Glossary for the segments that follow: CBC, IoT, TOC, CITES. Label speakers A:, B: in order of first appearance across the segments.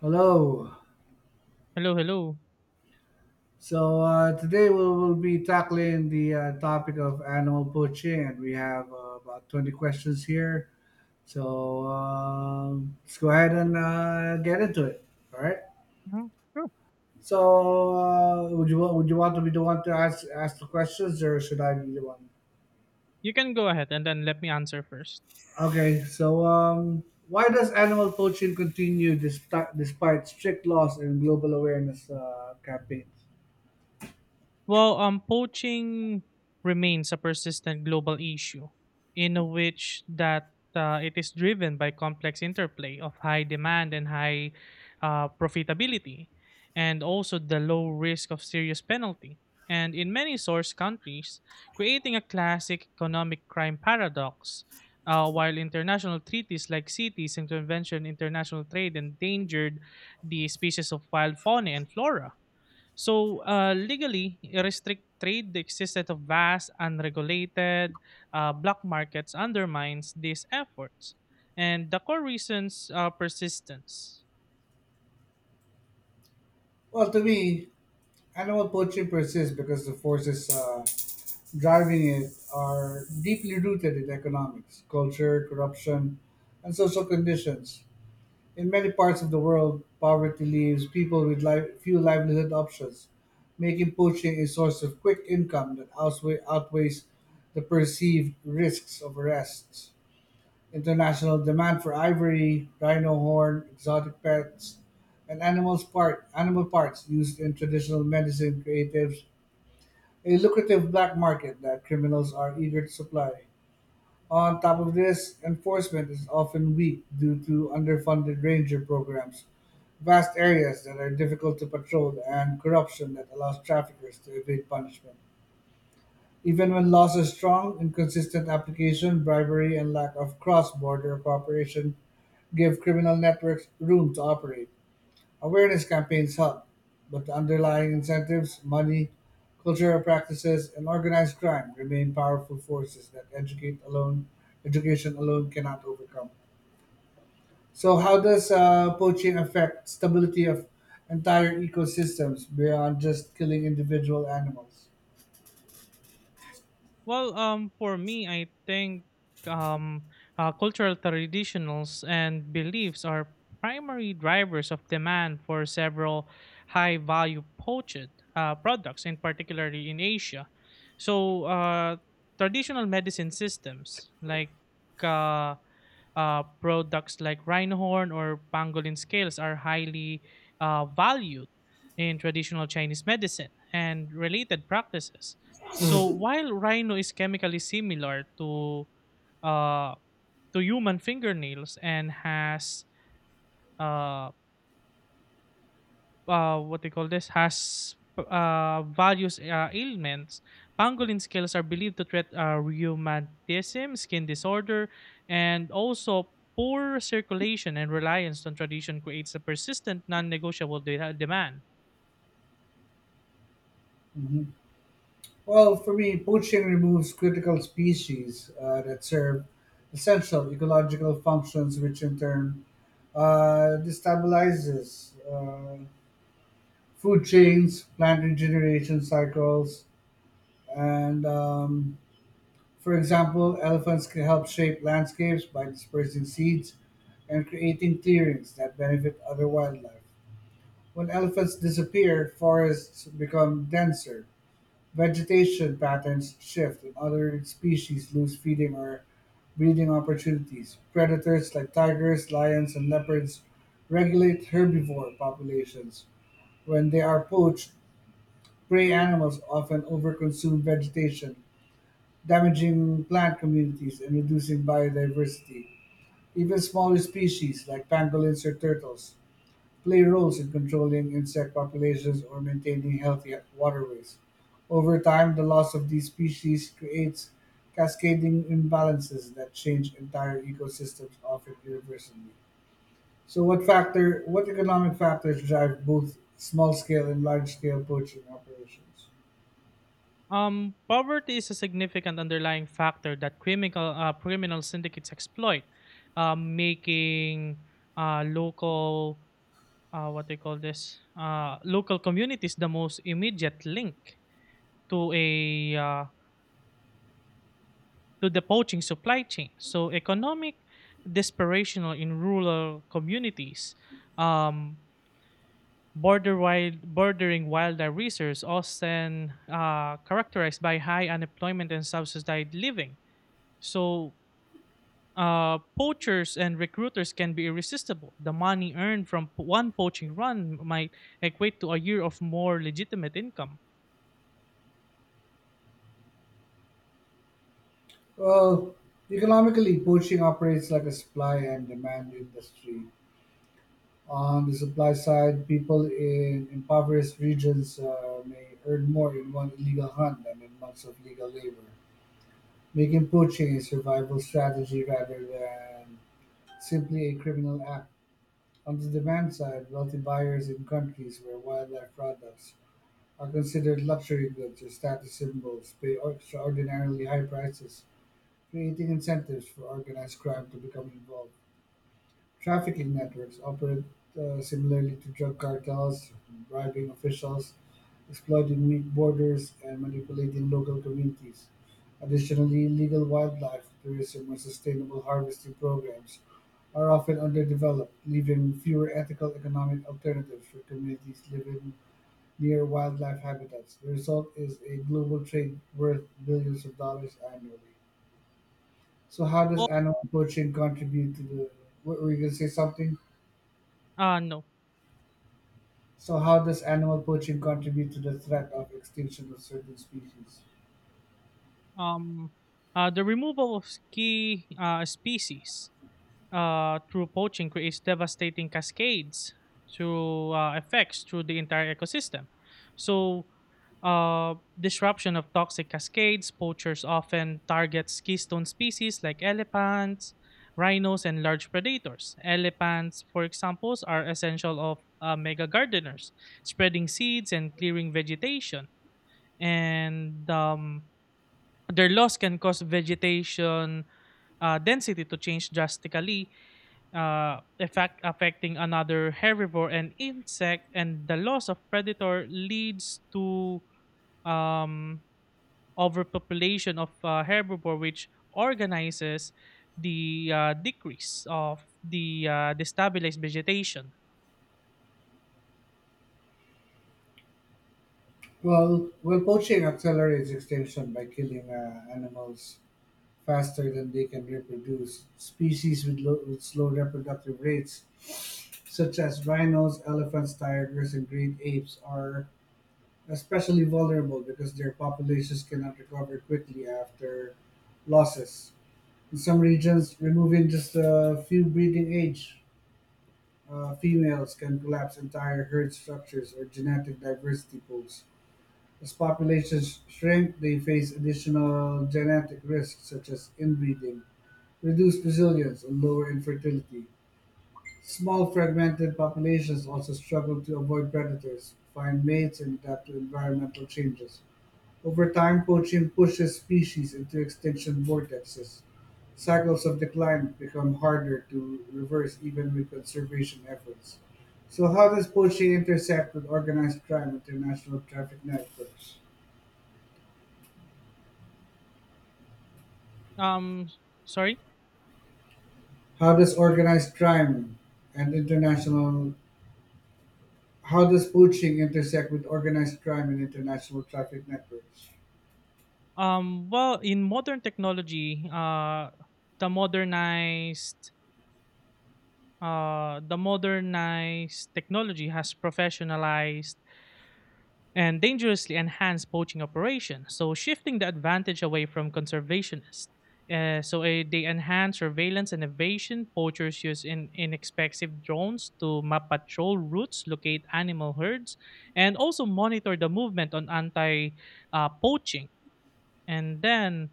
A: Hello.
B: Hello, hello.
A: Today we will be tackling the topic of animal poaching, and we have about 20 questions here. Let's go ahead and get into it. All right.
B: Mhm. Sure.
A: Would you would you want to be the one to ask the questions, or should I be the one?
B: You can go ahead and then let me answer first.
A: Okay. Why does animal poaching continue despite strict laws and global awareness campaigns?
B: Well, poaching remains a persistent global issue, in which that it is driven by complex interplay of high demand and high profitability, and also the low risk of serious penalty. And in many source countries, creating a classic economic crime paradox. While international treaties like CITES and Convention International Trade endangered the species of wild fauna and flora. So, legally, restrict trade, the existence of vast, unregulated black markets undermines these efforts. And the core reasons are persistence.
A: Well, to me, animal poultry persists because the forces driving it are deeply rooted in economics, culture, corruption, and social conditions. In many parts of the world, poverty leaves people with few livelihood options, making poaching a source of quick income that outweighs the perceived risks of arrests. International demand for ivory, rhino horn, exotic pets, and animals part animal parts used in traditional medicine creatives a lucrative black market that criminals are eager to supply. On top of this, enforcement is often weak due to underfunded ranger programs, vast areas that are difficult to patrol, and corruption that allows traffickers to evade punishment. Even when laws are strong, inconsistent application, bribery, and lack of cross border cooperation give criminal networks room to operate. Awareness campaigns help, but the underlying incentives, money, cultural practices, and organized crime remain powerful forces that educate alone, education alone cannot overcome. So, how does poaching affect stability of entire ecosystems beyond just killing individual animals?
B: Well, for me, I think um, cultural traditionals and beliefs are primary drivers of demand for several high-value poached products, in particularly in Asia. So, traditional medicine systems like uh, products like rhinehorn or pangolin scales are highly valued in traditional Chinese medicine and related practices. So while rhino is chemically similar uh, to human fingernails and has uh, what they call this has various ailments. Pangolin scales are believed to treat rheumatism, skin disorder, and also poor circulation and reliance on tradition creates a persistent, non-negotiable demand.
A: Mhm. Well, for me, poaching removes critical species that serve essential ecological functions, which in turn destabilizes food chains, plant regeneration cycles, and for example, elephants can help shape landscapes by dispersing seeds and creating clearings that benefit other wildlife. When elephants disappear, forests become denser, vegetation patterns shift, and other species lose feeding or breeding opportunities. Predators like tigers, lions, and leopards regulate herbivore populations. When they are poached, prey animals often overconsume vegetation, damaging plant communities and reducing biodiversity. Even smaller species, like pangolins or turtles, play roles in controlling insect populations or maintaining healthy waterways. Over time, the loss of these species creates cascading imbalances that change entire ecosystems, often irreversibly. So, what economic factors drive both small-scale and large-scale poaching operations?
B: Poverty is a significant underlying factor that criminal syndicates exploit, making local what they call this local communities the most immediate link to a to the poaching supply chain. So economic desperation in rural communities, um, bordering wildlife reserves, often characterized by high unemployment and subsidized living. So poachers and recruiters can be irresistible. The money earned from one poaching run might equate to a year of more legitimate income.
A: Well, economically, poaching operates like a supply and demand industry. On the supply side, people in impoverished regions may earn more in one illegal hunt than in months of legal labor, making poaching a survival strategy rather than simply a criminal act. On the demand side, wealthy buyers in countries where wildlife products are considered luxury goods or status symbols pay extraordinarily high prices, creating incentives for organized crime to become involved. Trafficking networks operate similarly to drug cartels, bribing officials, exploiting weak borders, and manipulating local communities. Additionally, illegal wildlife tourism and sustainable harvesting programs are often underdeveloped, leaving fewer ethical economic alternatives for communities living near wildlife habitats. The result is a global trade worth billions of dollars annually. So how does
B: Well,
A: animal poaching contribute to the? What were you gonna say something?
B: no.
A: So how does animal poaching contribute to the threat of extinction of certain species?
B: um, the removal of key species through poaching creates devastating cascades through effects through the entire ecosystem. So, disruption of toxic cascades, poachers often target keystone species like elephants, rhinos, and large predators. Elephants, for example, are essential of mega gardeners, spreading seeds and clearing vegetation. And their loss can cause vegetation density to change drastically, affecting another herbivore and insect, and the loss of predator leads to um, overpopulation of herbivore, which organizes the decrease of the destabilized vegetation.
A: Well, poaching accelerates extinction by killing animals faster than they can reproduce. Species with, low, with slow reproductive rates, such as rhinos, elephants, tigers, and great apes, are especially vulnerable because their populations cannot recover quickly after losses. In some regions, removing just a few breeding age females can collapse entire herd structures or genetic diversity pools. As populations shrink, they face additional genetic risks such as inbreeding, reduced resilience, and lower infertility. Small fragmented populations also struggle to avoid predators, find mates, and adapt to environmental changes. Over time, poaching pushes species into extinction vortexes; cycles of decline become harder to reverse even with conservation efforts. So how does poaching intersect with organized crime and international traffic networks?
B: Um, sorry.
A: How does organized crime and international How does poaching intersect with organized crime and international traffic networks?
B: Well, in modern technology, the modernized the modernized technology has professionalized and dangerously enhanced poaching operations, so shifting the advantage away from conservationists. They enhance surveillance and evasion. Poachers use inexpensive drones to map patrol routes, locate animal herds, and also monitor the movement on anti-poaching and then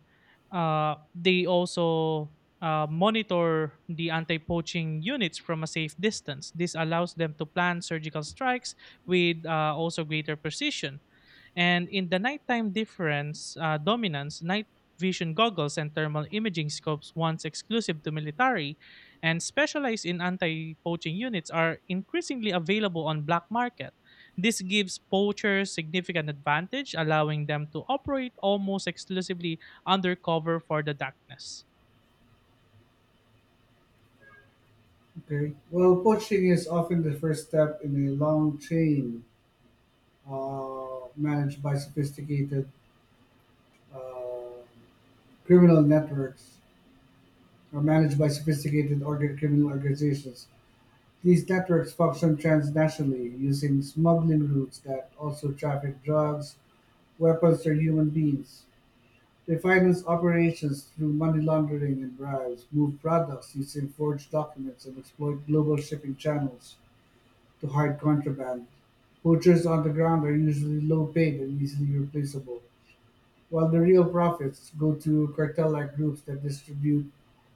B: they also monitor the anti-poaching units from a safe distance. This allows them to plan surgical strikes with also greater precision. And in the nighttime difference dominance, night vision goggles and thermal imaging scopes, once exclusive to military and specialized in anti-poaching units, are increasingly available on black market. This gives poachers significant advantage, allowing them to operate almost exclusively undercover for the darkness.
A: Okay. Well, poaching is often the first step in a long chain managed by sophisticated uh, criminal networks are managed by sophisticated criminal organizations. These networks function transnationally using smuggling routes that also traffic drugs, weapons, or human beings. They finance operations through money laundering and bribes, move products using forged documents, and exploit global shipping channels to hide contraband. Poachers on the ground are usually low paid and easily replaceable, while the real profits go to cartel like groups that distribute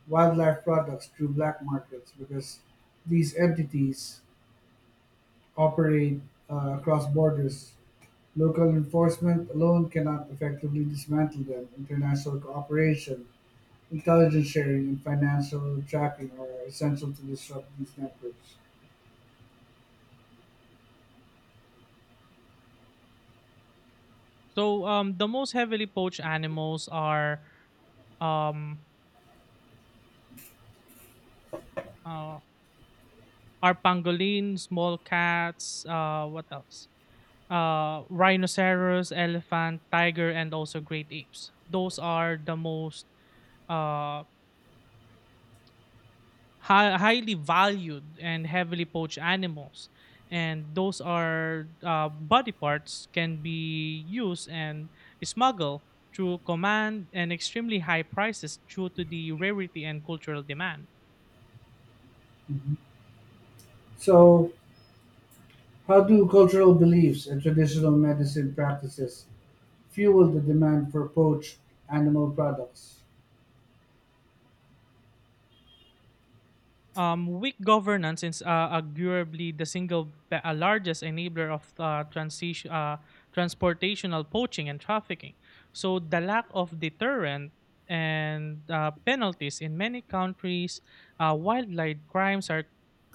A: wildlife products through black markets because these entities operate across borders. Local enforcement alone cannot effectively dismantle them. International cooperation, intelligence sharing, and financial tracking are essential to disrupt these networks.
B: So the most heavily poached animals um, uh, are pangolin, small cats, what else? Rhinoceros, elephant, tiger, and also great apes. Those are the most uh, highly valued and heavily poached animals. And those are body parts can be used and smuggled through command and extremely high prices due to the rarity and cultural demand.
A: So, how do cultural beliefs and traditional medicine practices fuel the demand for poached animal products?
B: Weak governance is arguably the single largest enabler of transportational poaching and trafficking. So the lack of deterrent and penalties in many countries, wildlife crimes are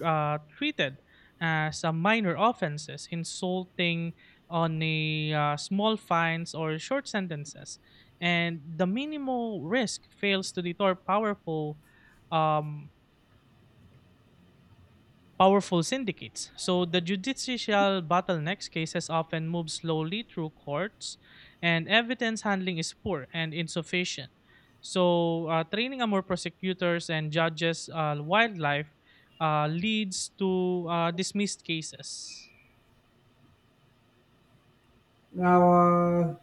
B: treated as a minor offenses, insulting on a small fines or short sentences, and the minimal risk fails to deter powerful. Um, Powerful syndicates. So the judicial bottlenecks cases often move slowly through courts, and evidence handling is poor and insufficient. So training more prosecutors and judges wildlife leads to dismissed cases.
A: Now, uh,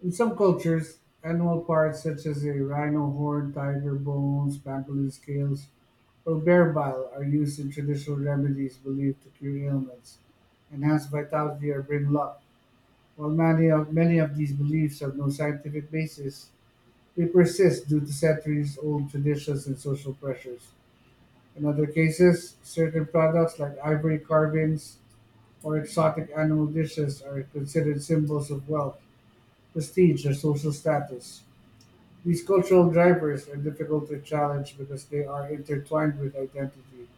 A: In some cultures, animal parts such as a rhino horn, tiger bones, pangolin scales, or bear bile are used in traditional remedies believed to cure ailments, enhance vitality, or bring luck. Many of these beliefs have no scientific basis, they persist due to centuries old traditions and social pressures. In other cases, certain products like ivory carvings or exotic animal dishes are considered symbols of wealth, prestige, or social status. These cultural drivers are difficult to challenge because they are intertwined with identity,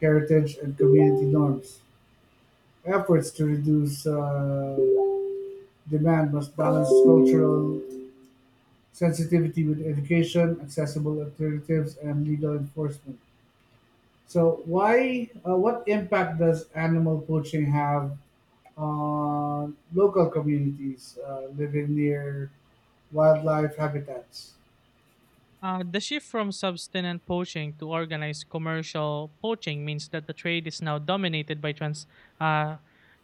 A: heritage, and community norms. Efforts to reduce demand must balance cultural sensitivity with education, accessible alternatives, and legal enforcement. So, why? What impact does animal poaching have on local communities living near wildlife habitats?
B: The shift from subsistence poaching to organized commercial poaching means that the trade is now dominated by uh,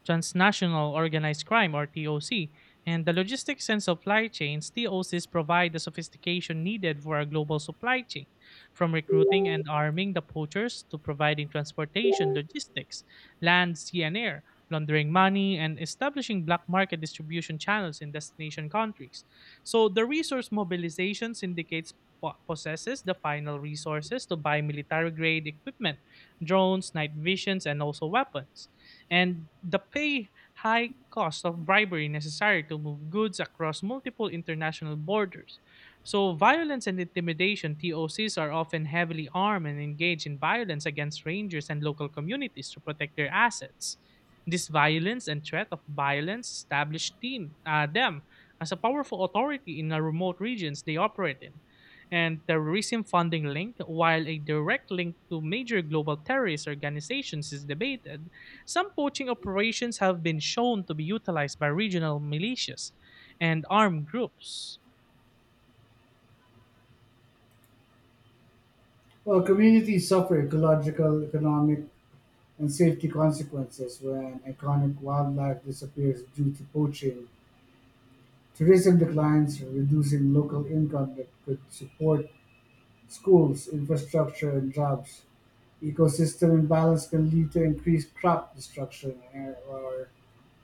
B: transnational organized crime or TOC, and the logistics and supply chains TOCs provide the sophistication needed for a global supply chain, from recruiting and arming the poachers to providing transportation, logistics, land, sea, and air, laundering money, and establishing black market distribution channels in destination countries. So the resource mobilization indicates possesses the final resources to buy military grade equipment, drones, night visions, and also weapons. And the pay high cost of bribery necessary to move goods across multiple international borders. So, violence and intimidation TOCs are often heavily armed and engage in violence against rangers and local communities to protect their assets. This violence and threat of violence establish them as a powerful authority in the remote regions they operate in and the recent funding link, while a direct link to major global terrorist organizations is debated, some poaching operations have been shown to be utilized by regional militias and armed groups.
A: Well, communities suffer ecological, economic, and safety consequences when iconic wildlife disappears due to poaching. Tourism declines, reducing local income that could support schools, infrastructure, and jobs. Ecosystem imbalance can lead to increased crop destruction and- or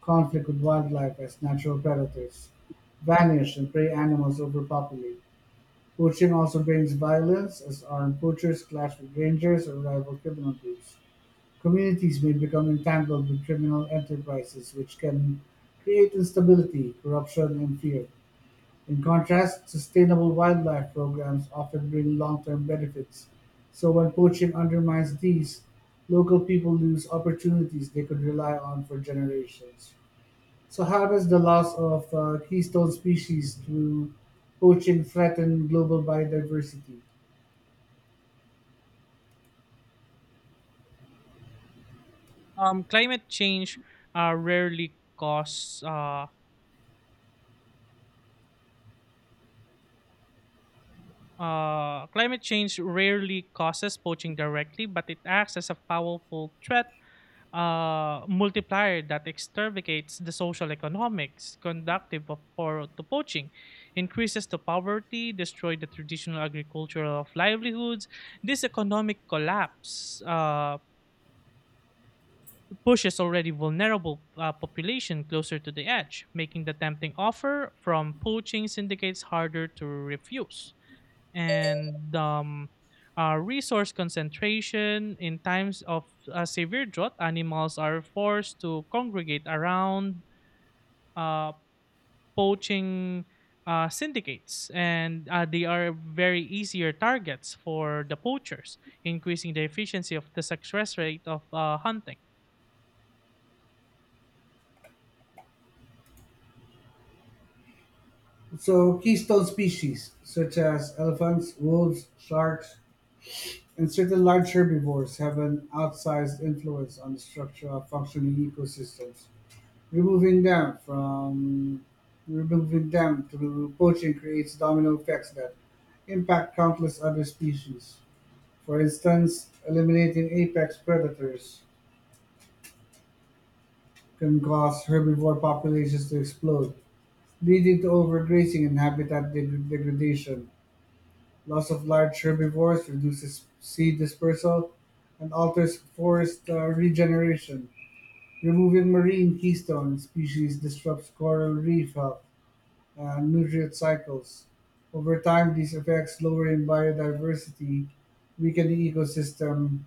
A: conflict with wildlife as natural predators vanish and prey animals overpopulate. Poaching also brings violence as armed poachers clash with rangers or rival criminal groups. Communities may become entangled with criminal enterprises which can create instability, corruption and fear. In contrast, sustainable wildlife programs often bring long-term benefits, so when poaching undermines these, local people lose opportunities they could rely on for generations. So how does the loss of keystone species through poaching threaten global biodiversity?
B: Um, climate change uh, rarely causes uh, Climate change rarely causes poaching directly, but it acts as a powerful threat multiplier that exterminates the social economics conductive for to poaching, increases the poverty, destroy the traditional agricultural of livelihoods. This economic collapse pushes already vulnerable population closer to the edge, making the tempting offer from poaching syndicates harder to refuse and resource concentration in times of severe drought animals are forced to congregate around uh, poaching syndicates and they are very easier targets for the poachers increasing the efficiency of the success rate of hunting
A: So keystone species such as elephants, wolves, sharks, and certain large herbivores have an outsized influence on the structure of functioning ecosystems. Removing them from Removing them through poaching creates domino effects that impact countless other species. For instance, eliminating apex predators can cause herbivore populations to explode, leading to overgrazing and habitat degradation. Loss of large herbivores reduces seed dispersal and alters forest regeneration. Removing marine keystone species disrupts coral reef health and nutrient cycles. Over time, these effects lowering biodiversity, weakening ecosystem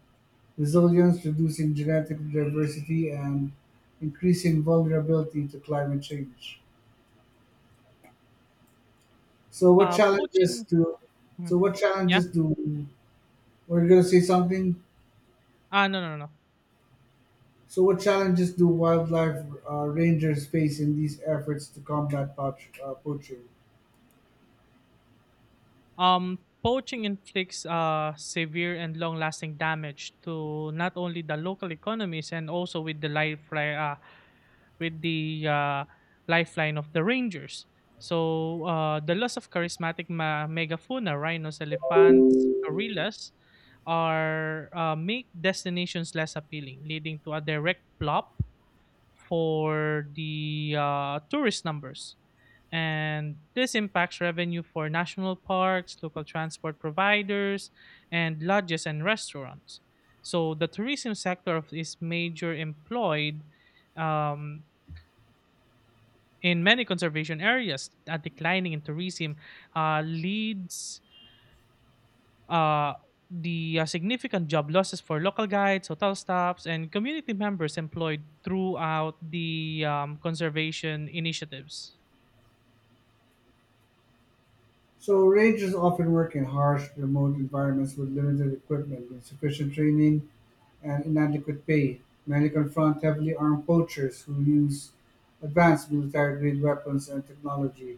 A: resilience, reducing genetic diversity, and increasing vulnerability to climate change. So, what challenges
B: poaching.
A: do?
B: Mhm.
A: So, what
B: Yeah.
A: challenges do? We're gonna say something.
B: Ah, no.
A: So, what challenges do wildlife rangers face in these efforts to combat poaching?
B: Um, Poaching inflicts severe and long-lasting damage to not only the local economies and also with the with the uh, lifeline of the rangers. So the loss of charismatic megafauna, rhinos, elephants, gorillas, are make destinations less appealing, leading to a direct plop for the tourist numbers. And this impacts revenue for national parks, local transport providers, and lodges and restaurants. So the tourism is major employed um, in many conservation areas. A declining in tourism leads uh, the significant job losses for local guides, hotel staffs, and community members employed throughout the conservation initiatives.
A: So, rangers often work in harsh, remote environments with limited equipment, insufficient training, and inadequate pay. Many confront heavily armed poachers who use advanced military grade weapons and technology.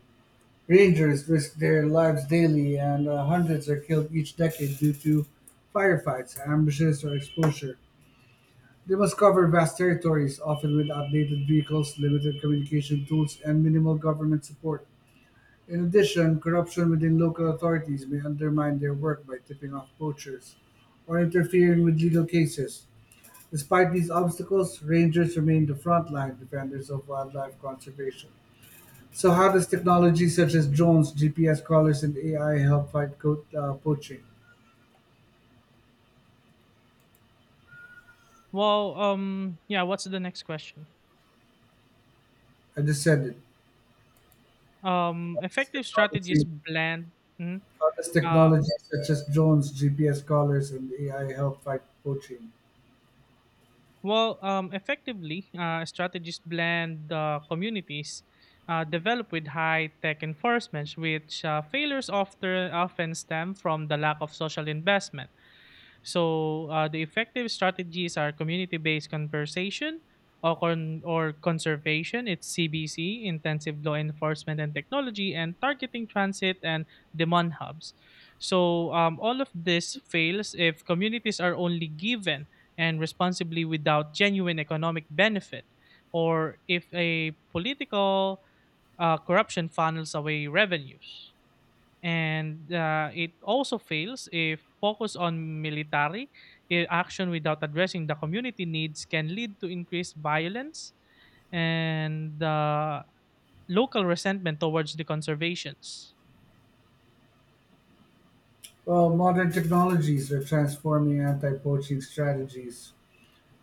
A: Rangers risk their lives daily, and hundreds are killed each decade due to firefights, ambushes, or exposure. They must cover vast territories, often with outdated vehicles, limited communication tools, and minimal government support. In addition, corruption within local authorities may undermine their work by tipping off poachers or interfering with legal cases. Despite these obstacles, rangers remain the frontline defenders of wildlife conservation. So, how does technology such as drones, GPS collars, and AI help fight poaching?
B: Well, yeah. What's the next question?
A: I just said it. It's
B: Effective strategies
A: technology.
B: blend. Mhm.
A: This
B: Uh,
A: technology, such as drones, GPS collars, and AI, help fight poaching.
B: Strategies blend communities developed with high tech enforcements, which failures often stem from the lack of social investment. So the effective strategies are community-based conversation or, con- or conservation. It's CBC, intensive law enforcement and technology, and targeting transit and demand hubs. So all of this fails if communities are only given and responsibly without genuine economic benefit, or if a political corruption funnels away revenues and it also fails if focus on military action without addressing the community needs can lead to increased violence and local resentment towards the conservations.
A: Well, modern technologies are transforming anti-poaching strategies,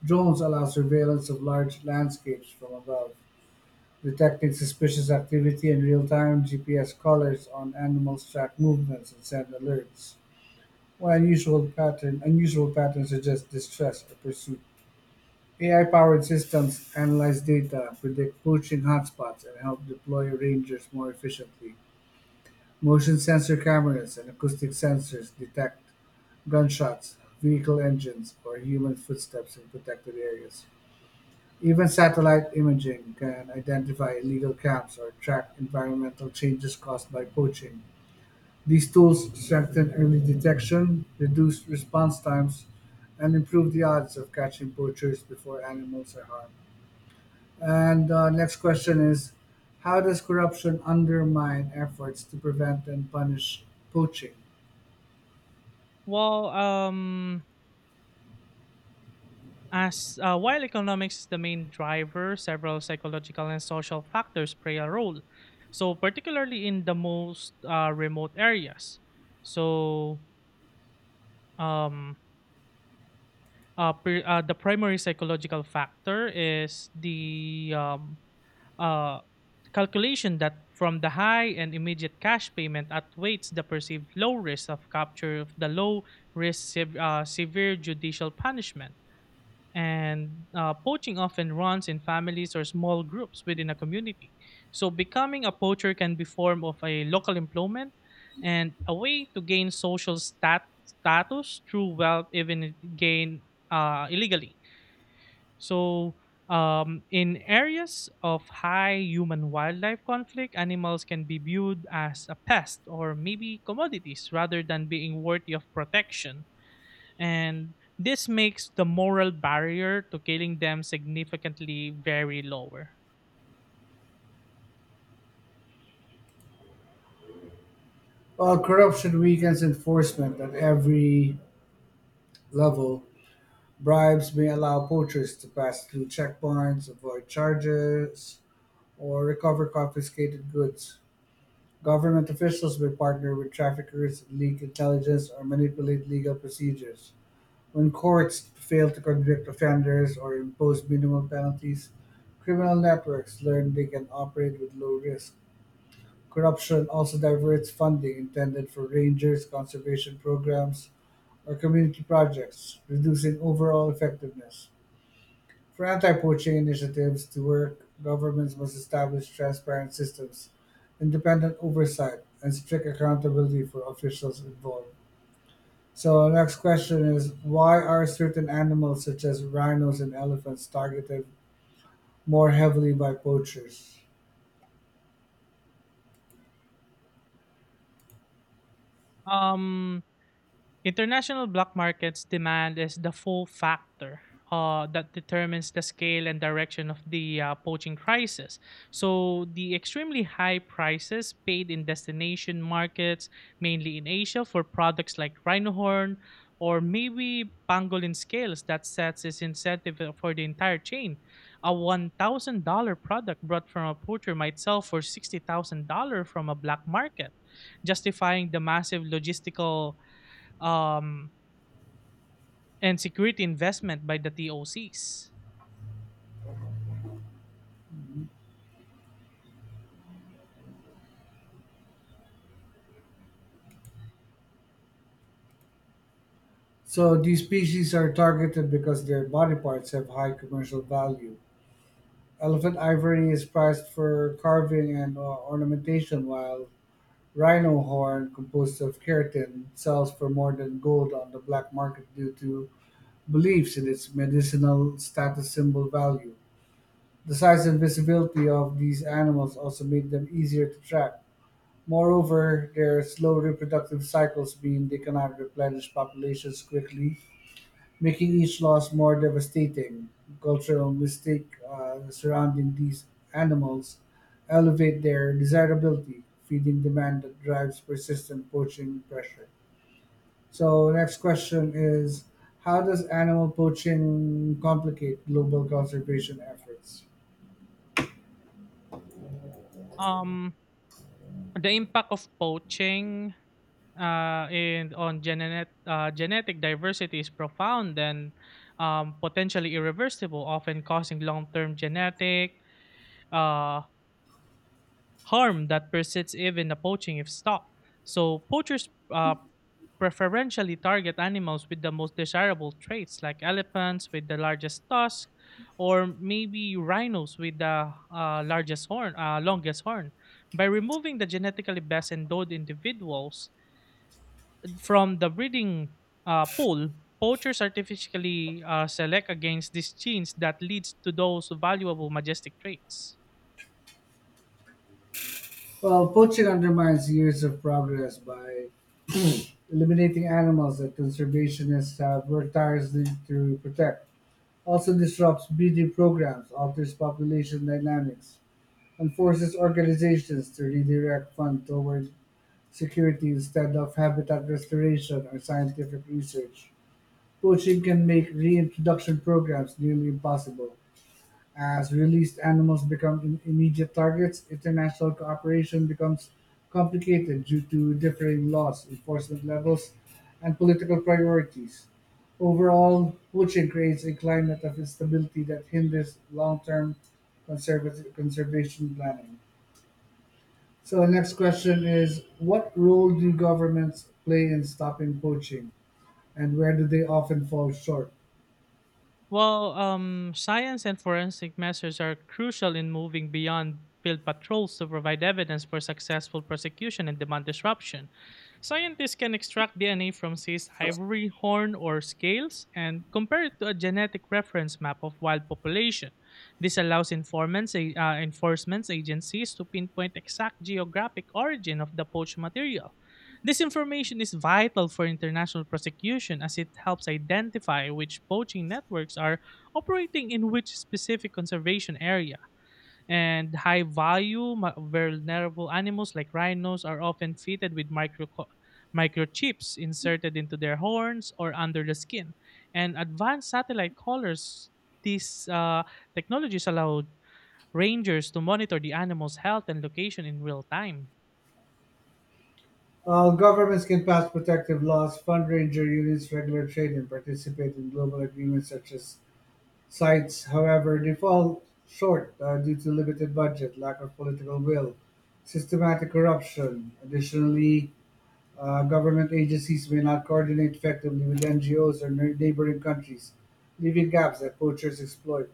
A: drones allow surveillance of large landscapes from above, detecting suspicious activity in real time. GPS collars on animals track movements and send alerts. While unusual patterns suggest distress or pursuit. AI-powered systems analyze data, predict poaching hotspots, and help deploy rangers more efficiently. Motion sensor cameras and acoustic sensors detect gunshots, vehicle engines, or human footsteps in protected areas. Even satellite imaging can identify illegal camps or track environmental changes caused by poaching. These tools strengthen early detection, reduce response times, and improve the odds of catching poachers before animals are harmed. And next question is, how does corruption undermine efforts to prevent and punish poaching?
B: Well, as while economics is the main driver, several psychological and social factors play a role. So, particularly in the most remote areas. So, um, the primary psychological factor is the uh, calculation that from the high and immediate cash payment outweighs the perceived low risk of capture of the severe judicial punishment. And poaching often runs in families or small groups within a community. So becoming a poacher can be form of a local employment and a way to gain social status through wealth, even if gain illegally. So in areas of high human wildlife conflict, animals can be viewed as a pest or maybe commodities rather than being worthy of protection and this makes the moral barrier to killing them significantly very lower.
A: While corruption weakens enforcement at every level, bribes may allow poachers to pass through checkpoints, avoid charges, or recover confiscated goods. Government officials may partner with traffickers, leak intelligence, or manipulate legal procedures. When courts fail to convict offenders or impose minimal penalties, criminal networks learn they can operate with low risk. Corruption also diverts funding intended for rangers, conservation programs, or community projects, reducing overall effectiveness. For anti-poaching initiatives to work, governments must establish transparent systems, independent oversight, and strict accountability for officials involved. So, next question is, why are certain animals such as rhinos and elephants targeted more heavily by poachers?
B: Um International black markets demand is the full factor that determines the scale and direction of the poaching crisis. So, the extremely high prices paid in destination markets, mainly in Asia, for products like rhino horn or maybe pangolin scales that sets its incentive for the entire chain. A $1,000 product brought from a poacher might sell for $60,000 from a black market, justifying the massive logistical um, and security investment by the TOCs.
A: So, these species are targeted because their body parts have high commercial value. Elephant ivory is prized for carving and ornamentation, while rhino horn, composed of keratin, sells for more than gold on the black market due to beliefs in its medicinal status symbol value. The size and visibility of these animals also made them easier to track. Moreover, their slow reproductive cycles mean they cannot replenish populations quickly, making each loss more devastating. Cultural mistake surrounding these animals elevate their desirability, feeding demand that drives persistent poaching pressure. So next question is, how does animal poaching complicate global conservation efforts?
B: Um, the impact of poaching and on genetic diversity is profound and potentially irreversible, often causing long-term genetic uh, harm that persists even poaching if stopped. So poachers preferentially target animals with the most desirable traits, like elephants with the largest tusk, or maybe rhinos with the longest horn. By removing the genetically best endowed individuals from the breeding pool, poachers artificially select against these genes that leads to those valuable majestic traits.
A: Well, poaching undermines years of progress by eliminating animals that conservationists have worked tirelessly to protect. Also disrupts breeding programs, alters population dynamics, and forces organizations to redirect funds toward security instead of habitat restoration or scientific research. Poaching can make reintroduction programs nearly impossible. As released animals become immediate targets, international cooperation becomes complicated due to differing laws, enforcement levels, and political priorities. Overall, poaching creates a climate of instability that hinders long-term conservation planning. So, the next question is: what role do governments play in stopping poaching, and where do they often fall short?
B: Well, science and forensic methods are crucial in moving beyond field patrols to provide evidence for successful prosecution and demand disruption. Scientists can extract DNA from seized ivory horn or scales and compare it to a genetic reference map of wild population. This allows informants, enforcement agencies to pinpoint exact geographic origin of the poached material. This information is vital for international prosecution as it helps identify which poaching networks are operating in which specific conservation area. And high value, vulnerable animals like rhinos are often fitted with microchips inserted into their horns or under the skin. And advanced satellite collars, these technologies allow rangers to monitor the animal's health and location in real time.
A: Governments can pass protective laws, fund ranger units, regular trade, and participate in global agreements such as sites. However, they fall short due to limited budget, lack of political will, systematic corruption. Additionally, government agencies may not coordinate effectively with NGOs or neighboring countries, leaving gaps that poachers exploit.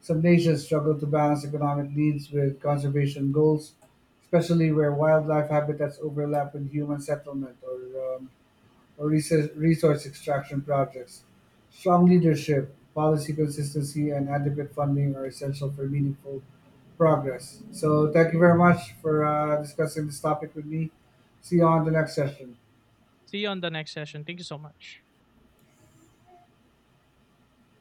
A: Some nations struggle to balance economic needs with conservation goals, especially where wildlife habitats overlap with human settlement or, resource extraction projects. Strong leadership, policy consistency, and adequate funding are essential for meaningful progress. So, thank you very much for discussing this topic with me. See you on the next session.
B: See you on the next session. Thank you so much.